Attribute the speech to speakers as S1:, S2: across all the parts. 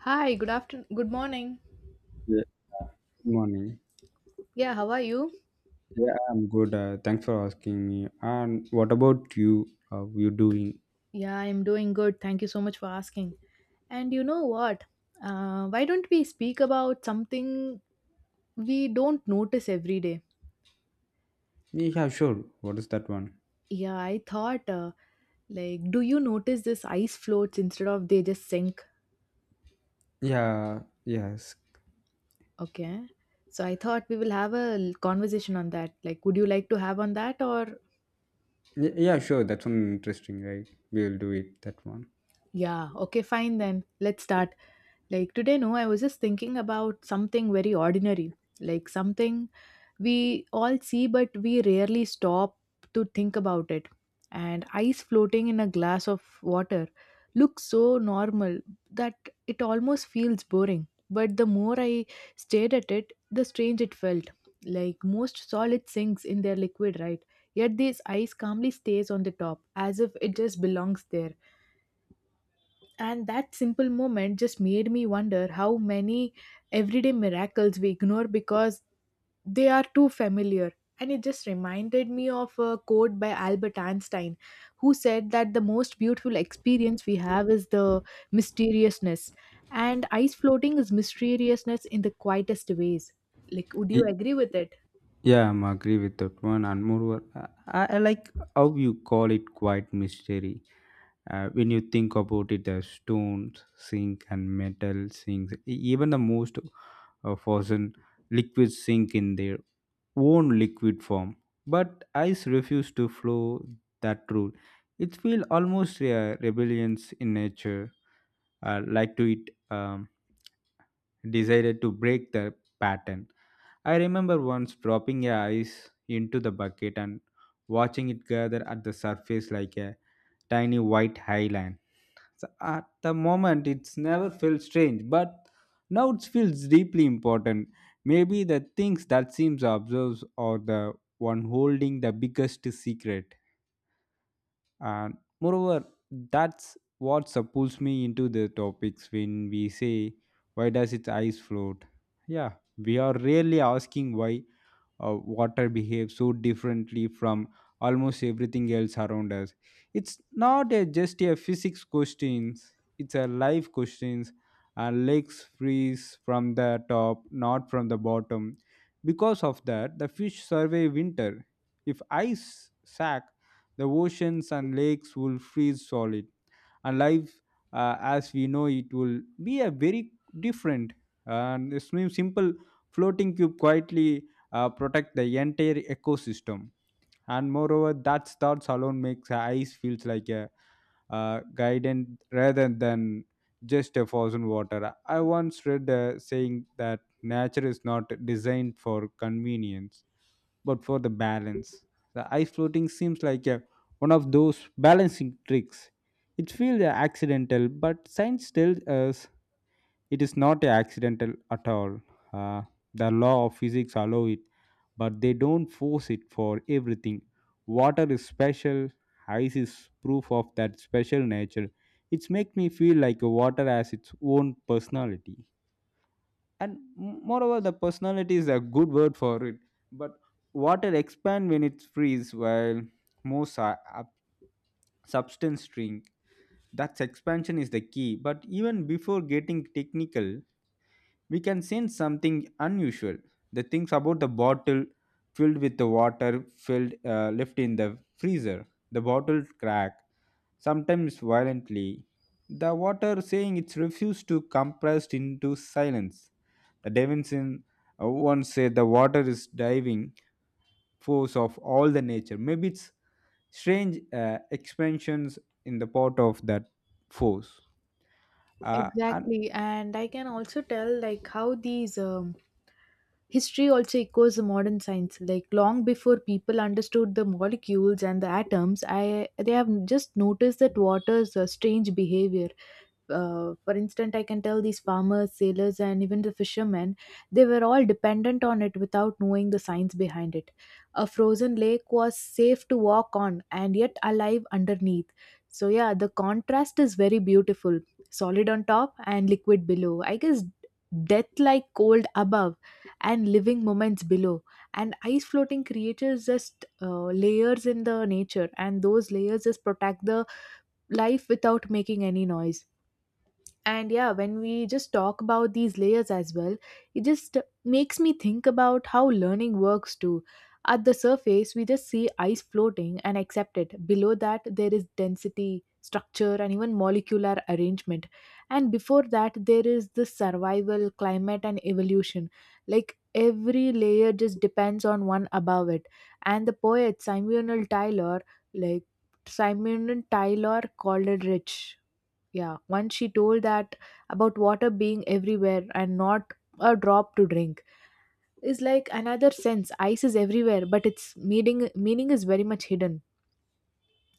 S1: Hi, good afternoon. Good morning.
S2: Yeah, good morning.
S1: Yeah, how are you?
S2: Yeah, I'm good. Thanks for asking me. And what about you? How you doing?
S1: Yeah, I'm doing good. Thank you so much for asking. And you know what? Why don't we speak about something we don't notice every day?
S2: Yeah, sure. What is that one?
S1: Yeah, I thought, like, do you notice this ice floats instead of they just sink?
S2: Yeah, yes.
S1: Okay. So I thought we will have a conversation on that. Like, would you like to have on that or?
S2: Yeah, sure. That's one interesting, right? We'll do it. That one.
S1: Yeah, okay, fine then. Let's start. Like, today, no, I was just thinking about something very ordinary. Like, something we all see, but we rarely stop to think about it. And ice floating in a glass of water looks so normal that it almost feels boring. But the more I stared at it, the strange it felt. Like most solid sinks in their liquid, right? Yet this ice calmly stays on the top, as if it just belongs there. And that simple moment just made me wonder how many everyday miracles we ignore because they are too familiar, and it just reminded me of a quote by Albert Einstein, who said that the most beautiful experience we have is the mysteriousness, and ice floating is mysteriousness in the quietest ways. Like, would you
S2: Y-
S1: agree with it?
S2: Yeah, I'm agree with that one. And moreover, I like how you call it quite mystery. When you think about it, the stones, sink, and metal things. Even the most fossil liquids sink in their own liquid form. But ice refuse to flow that rule. It feels almost rebellions in nature, like to it decided to break the pattern. I remember once dropping a ice into the bucket and watching it gather at the surface like a tiny white highland. So at the moment, it's never felt strange, but now it feels deeply important. Maybe the things that seems observed are the one holding the biggest secret. And moreover, that's what pulls me into the topics when we say, why does its eyes float? Yeah, we are really asking why water behaves so differently from almost everything else around us. It's not a, just a physics questions, it's a life questions. And lakes freeze from the top, not from the bottom, because of that the fish survive winter. If ice sack, the oceans and lakes will freeze solid, and life as we know it will be a very different. And this means simple floating cube quietly protect the entire ecosystem. And moreover, that thoughts alone makes the ice feels like a guidance rather than just a frozen water. I once read a saying that nature is not designed for convenience but for the balance. The ice floating seems like a, one of those balancing tricks. It feels accidental, but science tells us it is not accidental at all. Uh, the law of physics allow it, but they don't force it for everything. Water is special. Ice is proof of that special nature. It makes me feel like water has its own personality, and moreover the personality is a good word for it. But water expand when it frees while most substance shrink. That expansion is the key, but even before getting technical we can sense something unusual. The things about the bottle filled with the water filled left in the freezer, the bottle crack, sometimes violently. The water saying it's refused to compressed into silence. Davinson once said the water is diving force of all the nature. Maybe it's strange expansions in the part of that force. And
S1: Exactly. And I can also tell like how these history also echoes the modern science. Like long before people understood the molecules and the atoms, I they have just noticed that water's strange behavior. Uh, for instance, I can tell these farmers, sailors, and even the fishermen, they were all dependent on it without knowing the science behind it. A frozen lake was safe to walk on and yet alive underneath. So yeah, the contrast is very beautiful, solid on top and liquid below, I guess. Death like cold above and living moments below. And ice floating creatures just layers in the nature, and those layers just protect the life without making any noise. And yeah, when we just talk about these layers as well, it just makes me think about how learning works too. At the surface, we just see ice floating and accept it. Below that, there is density, structure, and even molecular arrangement. And before that, there is the survival, climate, and evolution. Like every layer just depends on one above it. And the poet Samuel Tyler, like Simon Tyler, called it rich. Yeah, once she told that about water being everywhere and not a drop to drink is like another sense. Ice is everywhere, but its meaning is very much hidden.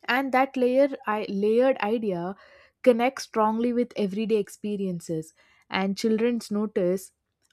S1: And that layered idea connects strongly with everyday experiences. And children's notice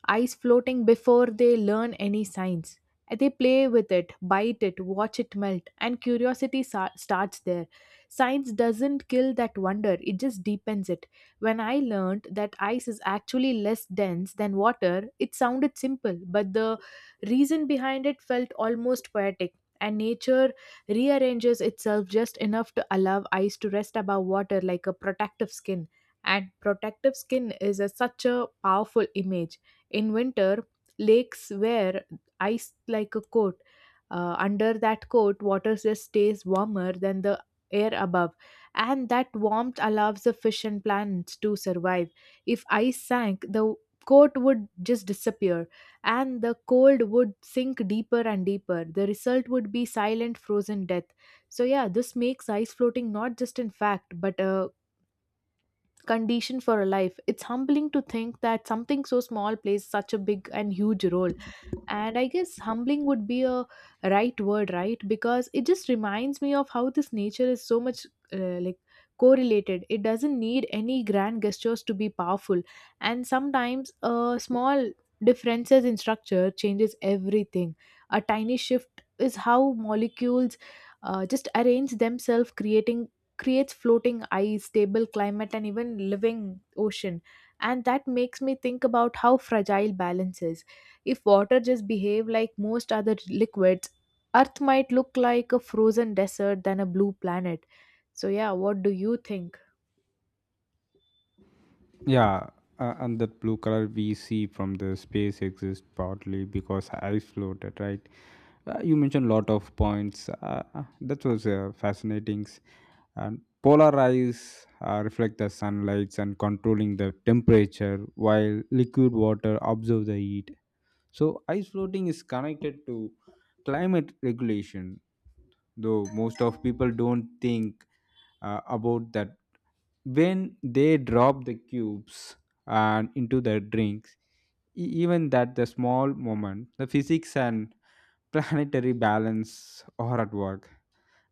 S1: eyes floating before they learn any signs. They play with it, bite it, watch it melt, and curiosity starts there. Science doesn't kill that wonder, it just deepens it. When I learned that ice is actually less dense than water, it sounded simple, but the reason behind it felt almost poetic. And nature rearranges itself just enough to allow ice to rest above water like a protective skin. And protective skin is such a powerful image. In winter, lakes wear ice like a coat. Under that coat, water just stays warmer than the air above, and that warmth allows the fish and plants to survive. If ice sank, the coat would just disappear, and the cold would sink deeper and deeper. The result would be silent, frozen death. So, yeah, this makes ice floating not just in fact, but a condition for a life. It's humbling to think that something so small plays such a big and huge role. And I guess humbling would be a right word, right? Because it just reminds me of how this nature is so much, like, correlated. It doesn't need any grand gestures to be powerful, and sometimes a small differences in structure changes everything. A tiny shift is how molecules just arrange themselves, creating creates floating ice, stable climate, and even living ocean. And that makes me think about how fragile balance is. If water just behave like most other liquids, Earth might look like a frozen desert than a blue planet. So yeah, what do you think?
S2: yeah, and that blue color we see from the space exists partly because I floated, right? You mentioned a lot of points. That was fascinating. And polar ice reflect the sunlights and controlling the temperature, while liquid water absorb the heat. So ice floating is connected to climate regulation, though most of people don't think about that. When they drop the cubes and into their drinks, even that the small moment, the physics and planetary balance are at work.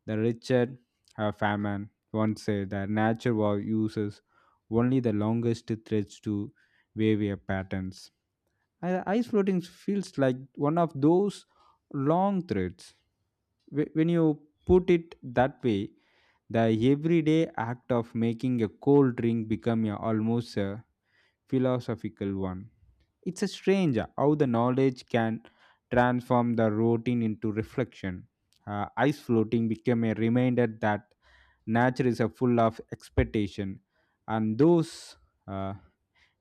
S2: The Richard Feynman once said that nature uses only the longest threads to wave a patterns. Ice floating feels like one of those long threads. When you put it that way, the everyday act of making a cold drink become a, almost a philosophical one. It's a strange how the knowledge can transform the routine into reflection. Ice floating became a reminder that nature is a full of expectation, and those uh,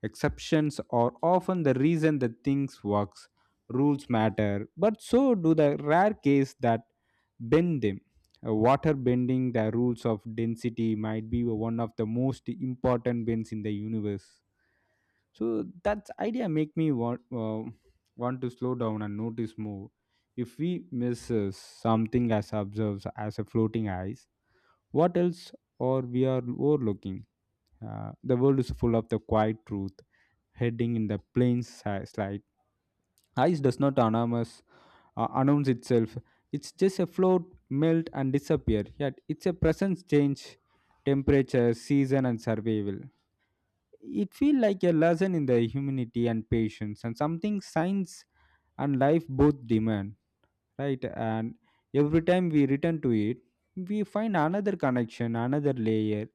S2: Exceptions are often the reason that things works. Rules matter, but so do the rare case that bend them. Water bending the rules of density might be one of the most important bends in the universe. So that idea make me want want to slow down and notice more. If we misses something as observes as a floating ice, what else or we are overlooking? The world is full of the quiet truth heading in the plain slide. Ice does not anonymous, announce itself. It's just a float, melt, and disappear. Yet it's a presence change, temperature, season, and survival. It feels like a lesson in the humanity and patience, and something science and life both demand, right? And every time we return to it, we find another connection, another layer.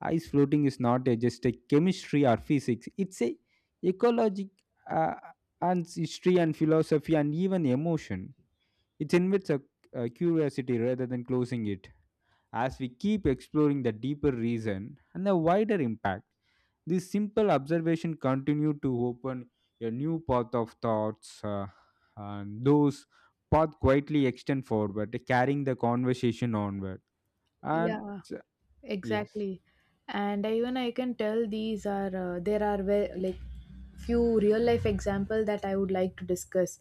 S2: Ice floating is not a, just a chemistry or physics, it's a ecologic uh, and history and philosophy and even emotion. It invites a curiosity rather than closing it. As we keep exploring the deeper reason and the wider impact, this simple observation continued to open a new path of thoughts, and those path quietly extend forward carrying the conversation onward. And
S1: Yeah,
S2: yes,
S1: exactly. And even I can tell these are there are like few real life example that I would like to discuss.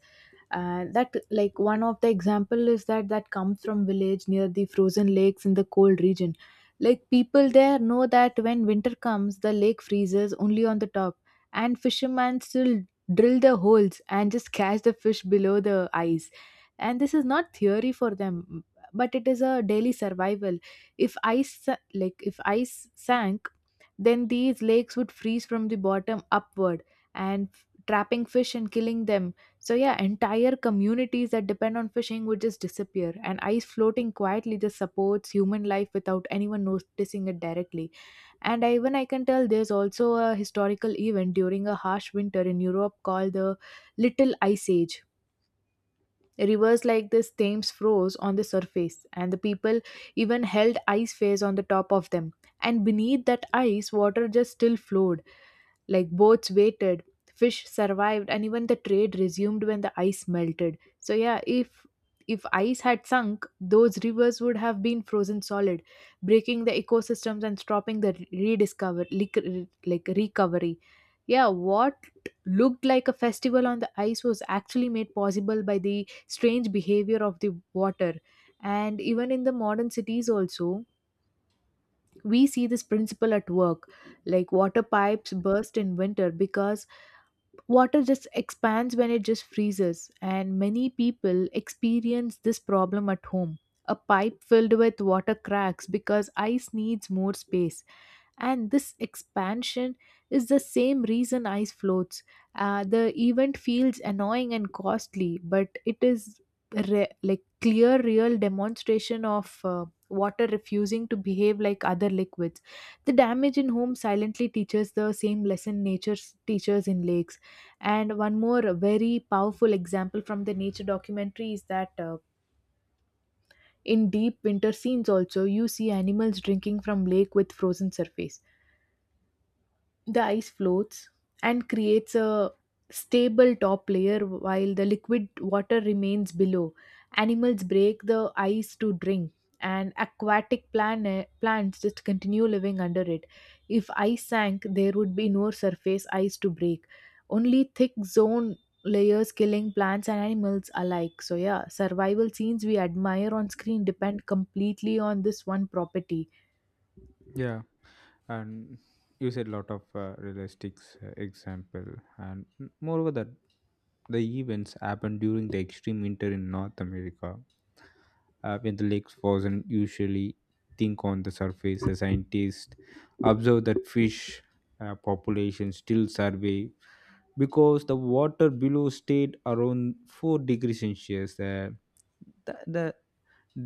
S1: And that, like, one of the example is that comes from village near the frozen lakes in the cold region. Like people there know that when winter comes the lake freezes only on the top, and fishermen still drill the holes and just catch the fish below the ice. And this is not theory for them, but it is a daily survival. If ice sank, then these lakes would freeze from the bottom upward and trapping fish and killing them. So yeah, entire communities that depend on fishing would just disappear, and ice floating quietly just supports human life without anyone noticing it directly. And even I can tell there's also a historical event during a harsh winter in Europe called the Little Ice Age. Rivers like this Thames froze on the surface, and the people even held ice fairs on the top of them. And beneath that ice, water just still flowed, like boats waited, fish survived, and even the trade resumed when the ice melted. So yeah, if ice had sunk, those rivers would have been frozen solid, breaking the ecosystems and stopping the rediscover like recovery. Yeah, what looked like a festival on the ice was actually made possible by the strange behavior of the water. And even in the modern cities also, we see this principle at work. Like water pipes burst in winter because water just expands when it just freezes, and many people experience this problem at home. A pipe filled with water cracks because ice needs more space, and this expansion is the same reason ice floats. Uh, the event feels annoying and costly, but it is like clear real demonstration of water refusing to behave like other liquids. The damage in home silently teaches the same lesson nature teaches in lakes. And one more very powerful example from the nature documentary is that, in deep winter scenes also, you see animals drinking from lake with frozen surface. The ice floats and creates a stable top layer while the liquid water remains below. Animals break the ice to drink, and aquatic plants just continue living under it. If ice sank, there would be no surface ice to break, only thick zone layers killing plants and animals alike. So, yeah, survival scenes we admire on screen depend completely on this one property.
S2: yeah, and you said a lot of realistic example, and moreover that the events happened during the extreme winter in North America when the lakes frozen usually think on the surface. The scientists observe that fish population still survive because the water below stayed around 4 degrees celsius, the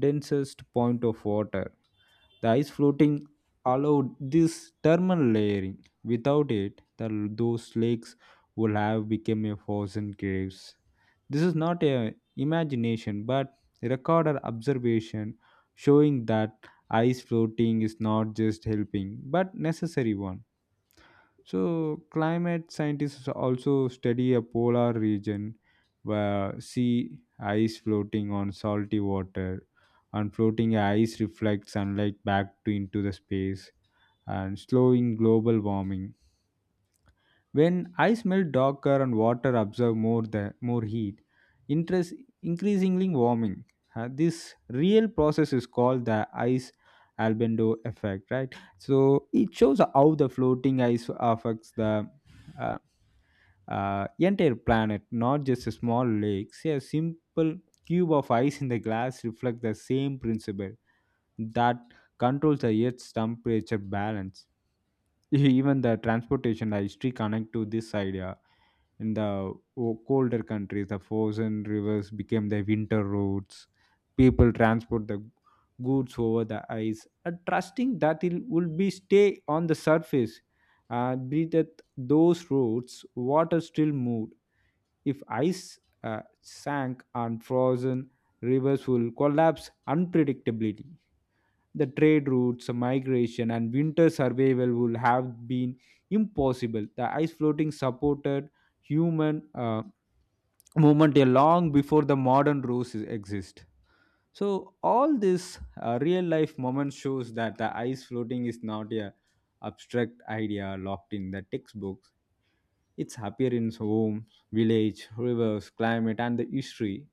S2: densest point of water. The ice floating allowed this thermal layering. Without it, those lakes would have become a frozen caves. This is not a imagination, but a recorded observation showing that ice floating is not just helping but necessary one. So, climate scientists also study a polar region where sea ice floating on salty water, and floating ice reflects sunlight back to into the space and slowing global warming. When I smell darker and water absorb more the more heat, interest increasingly warming. This real process is called the ice albedo effect, right? So it shows how the floating ice affects the uh, entire planet, not just a small lake. See, a simple cube of ice in the glass reflects the same principle that controls the Earth's temperature balance. Even the transportation history connect to this idea. In the colder countries, the frozen rivers became the winter roads. People transport the goods over the ice and trusting that it will be stay on the surface. Breathe at those roads, water still moved. If ice sank and frozen, rivers will collapse unpredictably. The trade routes, migration, and winter survival would have been impossible. The ice floating supported human movement a long before the modern roads exist. So all this real life moment shows that the ice floating is not a abstract idea locked in the textbooks. It's appearance, homes, village, rivers, climate, and the history.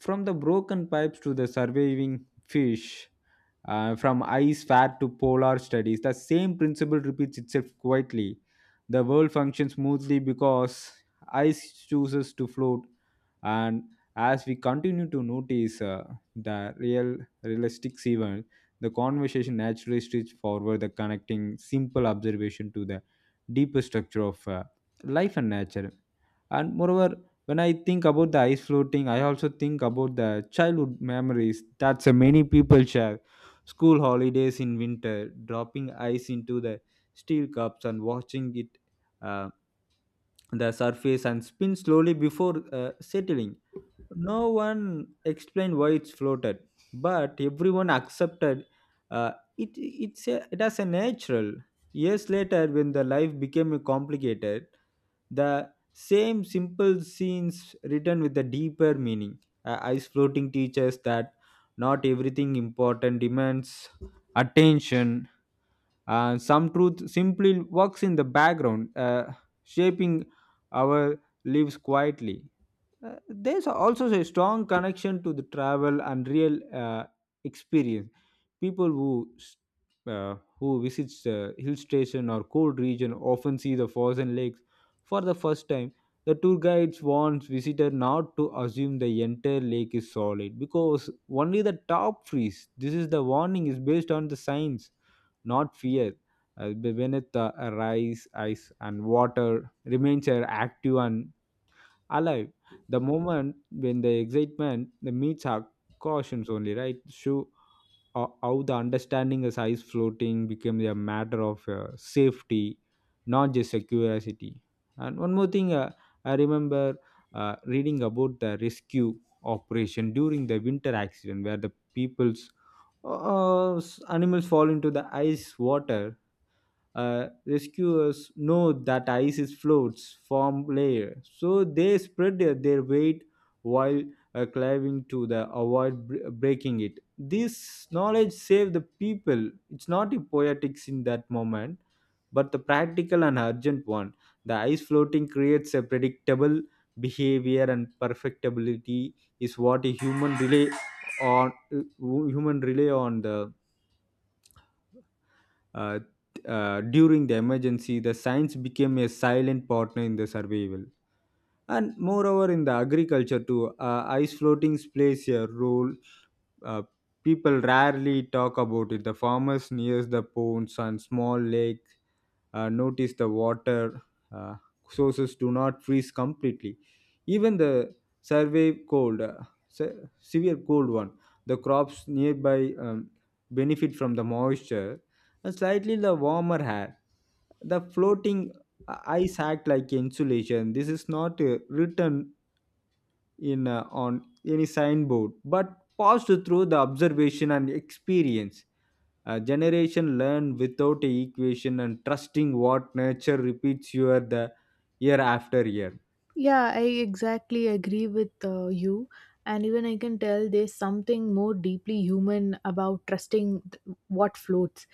S2: From the broken pipes to the surviving fish, from ice fat to polar studies, the same principle repeats itself quietly. The world functions smoothly because ice chooses to float, and as we continue to notice the realistic event, the conversation naturally stretches forward, the connecting simple observation to the deeper structure of life and nature. And moreover, when I think about the ice floating, I also think about the childhood memories that so many people share. School holidays in winter, dropping ice into the steel cups and watching it uh, the surface and spin slowly before settling. No one explained why it's floated, but everyone accepted it. It's a, it as a natural. Years later, when the life became complicated, the same simple scenes written with a deeper meaning. Ice floating teaches that not everything important demands attention. Some truth simply walks in the background, shaping our lives quietly. There's also a strong connection to the travel and real experience. People who who visits the hill station or cold region often see the frozen lakes for the first time. The tour guides warns visitor not to assume the entire lake is solid because only the top freeze. This is the warning is based on the science, not fear. Beneath the rise, ice and water remains are active and alive. The moment when the excitement the meets our cautions only, right? Show how the understanding is ice floating became a matter of safety, not just a curiosity. And one more thing, I remember reading about the rescue operation during the winter accident where the people's animals fall into the ice water. Rescuers know that ice is floats form layer, so they spread their weight while climbing to the avoid breaking it. This knowledge saved the people. It's not a poetics in that moment, but the practical and urgent one. The ice floating creates a predictable behavior, and perfectibility is what a human relay on, human relay on the uh, during the emergency, the science became a silent partner in the survival. And moreover, in the agriculture too, ice floatings plays a role. Uh, People rarely talk about it. The farmers near the ponds and small lake notice the water uh, sources do not freeze completely. Even the survey cold, severe cold one, the crops nearby benefit from the moisture and slightly the warmer air. The floating ice act like insulation. This is not a written in on any signboard but passed through the observation and experience, a generation learn without a equation and trusting what nature repeats year the year after year.
S1: Yeah, I exactly agree with you. And even I can tell there's something more deeply human about trusting what floats.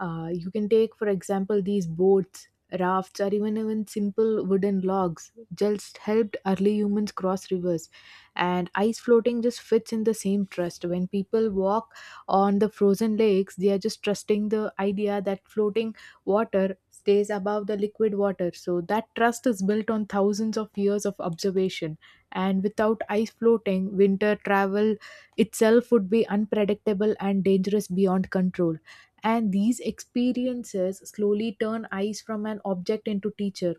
S1: You can take, for example, these boats, rafts, or even simple wooden logs. Just helped early humans cross rivers, and ice floating just fits in the same trust. When people walk on the frozen lakes, they are just trusting the idea that floating water stays above the liquid water. So that trust is built on thousands of years of observation. And without ice floating, winter travel itself would be unpredictable and dangerous beyond control. And these experiences slowly turn eyes from an object into teacher.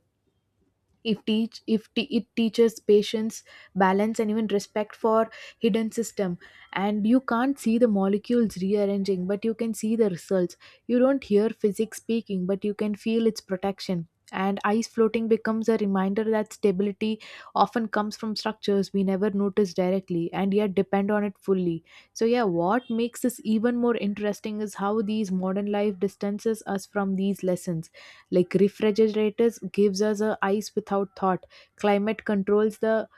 S1: If teach if te- it teaches patience, balance, and even respect for hidden system. And you can't see the molecules rearranging, but you can see the results. You don't hear physics speaking, but you can feel its protection. And ice floating becomes a reminder that stability often comes from structures we never notice directly, and yet depend on it fully. So yeah, what makes this even more interesting is how these modern life distances us from these lessons. Like refrigerators gives us a ice without thought, climate controls the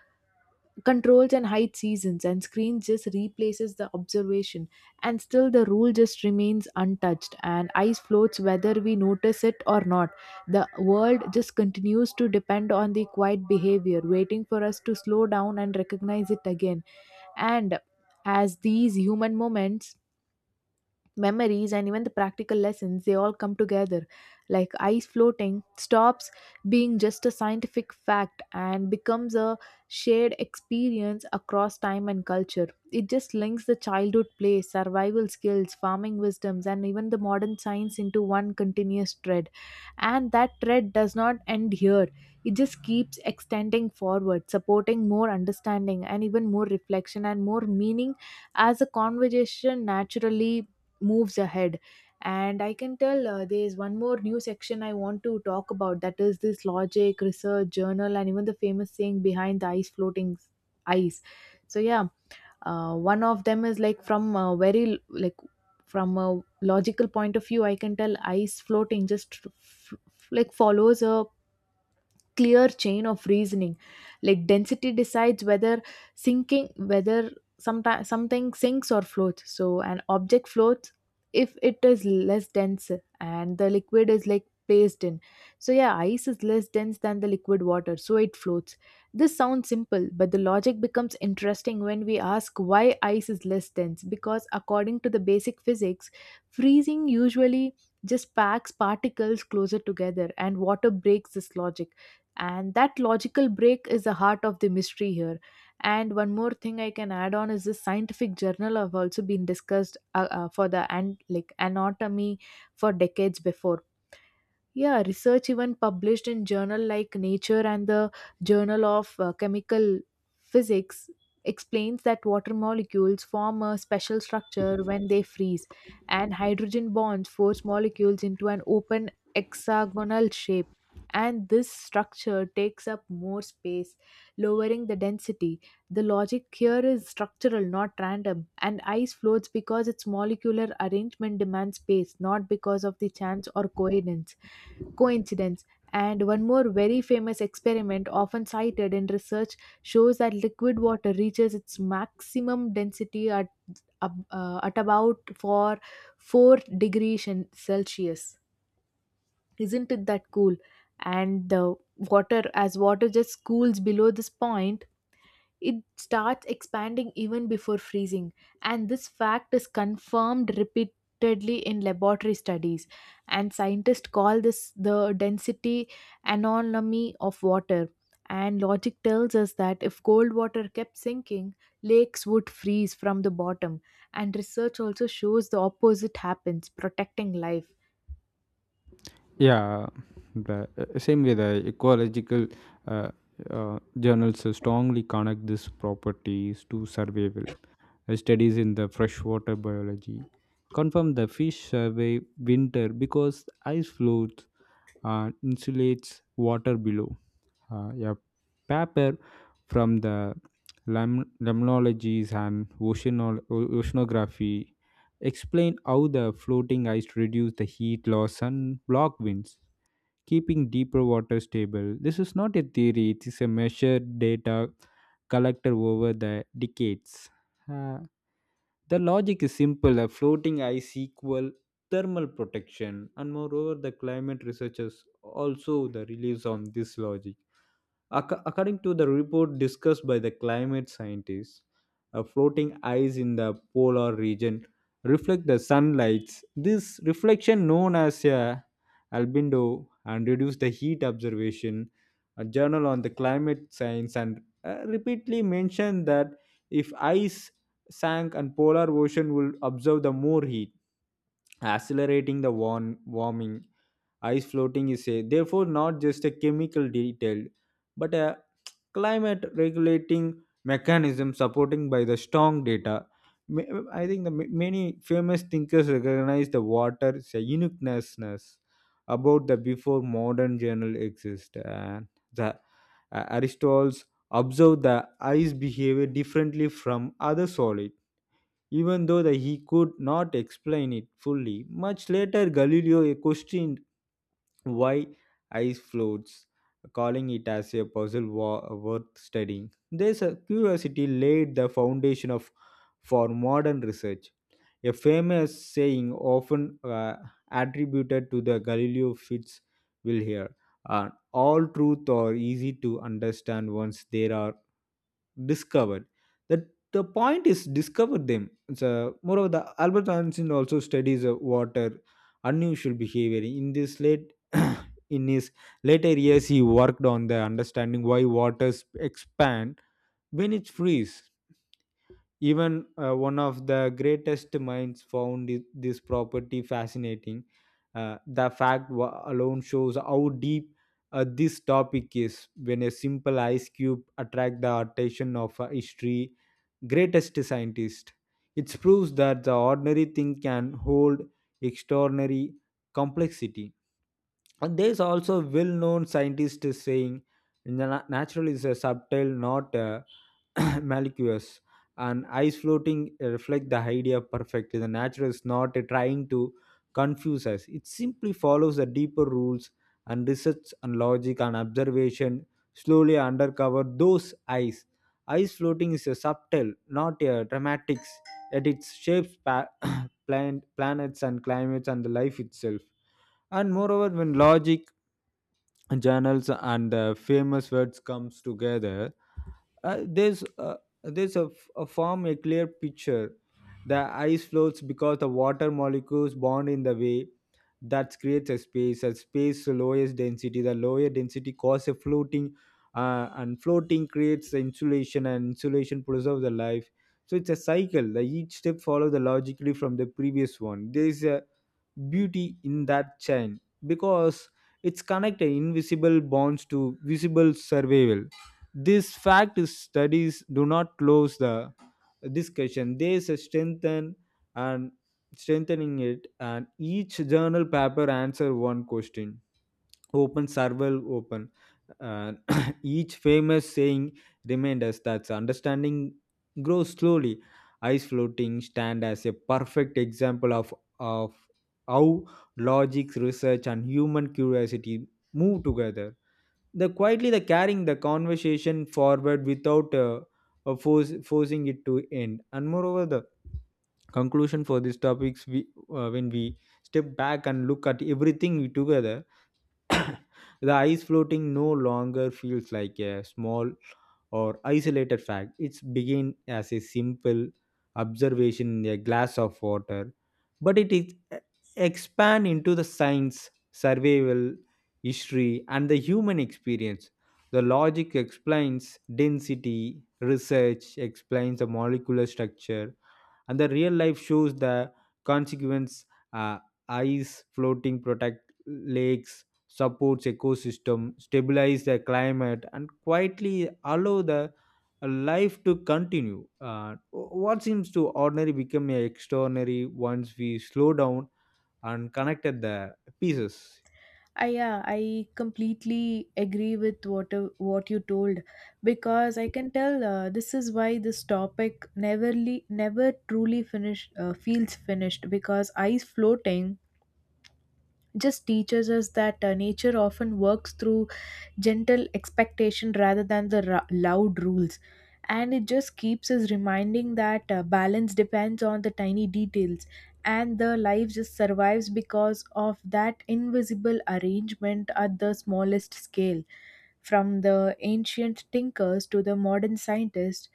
S1: controls and hides seasons, and screen just replaces the observation. And still the rule just remains untouched, and ice floats whether we notice it or not. The world just continues to depend on the quiet behavior, waiting for us to slow down and recognize it again. And as these human moments, memories, and even the practical lessons, they all come together. Like ice floating stops being just a scientific fact and becomes a shared experience across time and culture. It just links the childhood play, survival skills, farming wisdoms, and even the modern science into one continuous thread. And that thread does not end here, it just keeps extending forward, supporting more understanding and even more reflection and more meaning, as the conversation naturally moves ahead. And I can tell, there is one more new section I want to talk about, that is this logic research journal and even the famous saying behind the ice floating ice. So yeah, one of them is like from a very like from a logical point of view. I can tell ice floating just f- like follows a clear chain of reasoning. Like density decides whether sometimes something sinks or floats. So an object floats if it is less dense and the liquid is like placed in. So yeah, ice is less dense than the liquid water, so it floats. This sounds simple, but the logic becomes interesting when we ask why ice is less dense, because according to the basic physics, freezing usually just packs particles closer together, and water breaks this logic. And that logical break is the heart of the mystery here. And one more thing I can add on is this scientific journal have also been discussed for the and like anatomy for decades before. Yeah, research even published in journal like Nature and the Journal of Chemical Physics explains that water molecules form a special structure when they freeze, and hydrogen bonds force molecules into an open hexagonal shape. And this structure takes up more space, lowering the density. The logic here is structural, not random. And ice floats because its molecular arrangement demands space, not because of the chance or coincidence. And one more very famous experiment, often cited in research, shows that liquid water reaches its maximum density at, ab- at about for 4 degrees in Celsius. Isn't it that cool? And as water just cools below this point, it starts expanding even before freezing. And this fact is confirmed repeatedly in laboratory studies, and scientists call this the density anomaly of water. And logic tells us that if cold water kept sinking, lakes would freeze from the bottom, and research also shows the opposite happens, protecting life.
S2: Yeah, the same way the ecological uh, journals strongly connect these properties to survival. Studies in the freshwater biology confirm the fish survive winter because ice flows insulates water below. A paper from the lamnologies and oceanography explain how the floating ice reduce the heat loss and block winds, keeping deeper water stable. This is not a theory; it is a measured data collected over the decades. Uh, the logic is simple: a floating ice equal thermal protection, and moreover, the climate researchers also the relies on this logic. Ac- according to the report discussed by the climate scientists, floating ice in the polar region reflect the sunlight. This reflection, known as a albedo, and reduce the heat observation. A journal on the climate science and repeatedly mentioned that if ice sank and polar ocean will observe the more heat accelerating the warming ice floating is a therefore not just a chemical detail but a climate regulating mechanism supporting by the strong data. I think the many famous thinkers recognize the water's uniqueness about the before modern journal exist, and the Aristotle's observed the ice behavior differently from other solid, even though that he could not explain it fully. Much later, Galileo questioned why ice floats, calling it as a puzzle worth studying. This curiosity laid the foundation of for modern research. A famous saying often attributed to the Galileo Fitzwilliam here, all truth are easy to understand once they are discovered. That the point is discover them. So moreover, the Albert Einstein also studies water unusual behavior. In this late In his later years, he worked on the understanding why waters expand when it freezes. Even one of the greatest minds found this property fascinating. The fact alone shows how deep this topic is. When a simple ice cube attracts the attention of a history greatest scientist, it proves that the ordinary thing can hold extraordinary complexity. And there's also well-known scientist is saying, "Na- natural is a subtle, not malicious." And eyes floating reflect the idea perfectly. The natural is not trying to confuse us. It simply follows the deeper rules, and research and logic and observation slowly undercover those eyes. Eyes floating is a subtle, not a dramatics, yet it shapes planets and climates and the life itself. And moreover, when logic, journals, and the famous words comes together, uh, there's uh, there's a form a clear picture. The ice floats because the water molecules bond in the way that creates a space. A space lowest density. The lower density causes a floating, and floating creates the insulation, and insulation preserves the life. So it's a cycle. The each step follows the logically from the previous one. There is a beauty in that chain because it's connected invisible bonds to visible survival. This fact is studies do not close the discussion. They strengthen and strengthening it, and each journal paper answer one question. Open survival open. And each famous saying remind us that understanding grows slowly. Ice floating stand as a perfect example of how logic, research, and human curiosity move together the quietly the carrying the conversation forward without forcing it to end. And moreover the conclusion for these topics we when we step back and look at everything together, the ice floating no longer feels like a small or isolated fact. It's begin as a simple observation in a glass of water, but it is eh, expand into the science, survival, history, and the human experience. The logic explains density, research explains the molecular structure, and the real life shows the consequence. uh, Ice floating protect lakes, supports ecosystem, stabilize the climate, and quietly allow the life to continue. What seems to ordinary become extraordinary once we slow down and connected the pieces.
S1: I yeah, I completely agree with what you told. Because I can tell, this is why this topic never truly finished, feels finished, because ice floating just teaches us that nature often works through gentle expectation rather than the loud rules. And it just keeps us reminding that balance depends on the tiny details, and the life just survives because of that invisible arrangement at the smallest scale. From the ancient tinkers to the modern scientists,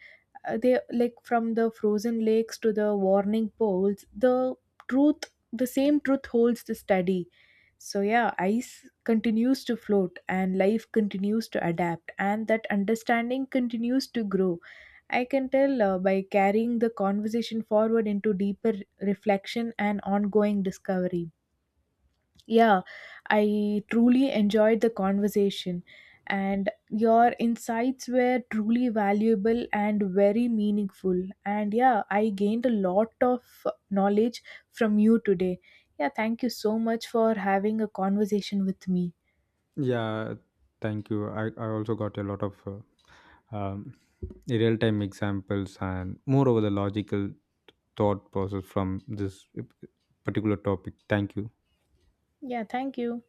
S1: they like, from the frozen lakes to the warning poles, the same truth holds the study. So yeah, ice continues to float, and life continues to adapt, and that understanding continues to grow. I can tell, by carrying the conversation forward into deeper reflection and ongoing discovery. Yeah, I truly enjoyed the conversation, and your insights were truly valuable and very meaningful. And yeah, I gained a lot of knowledge from you today. Yeah, thank you so much for having a conversation with me.
S2: Yeah, thank you. I also got a lot of um, real time examples and more over the logical thought process from this particular topic. Thank you.
S1: Yeah, thank you.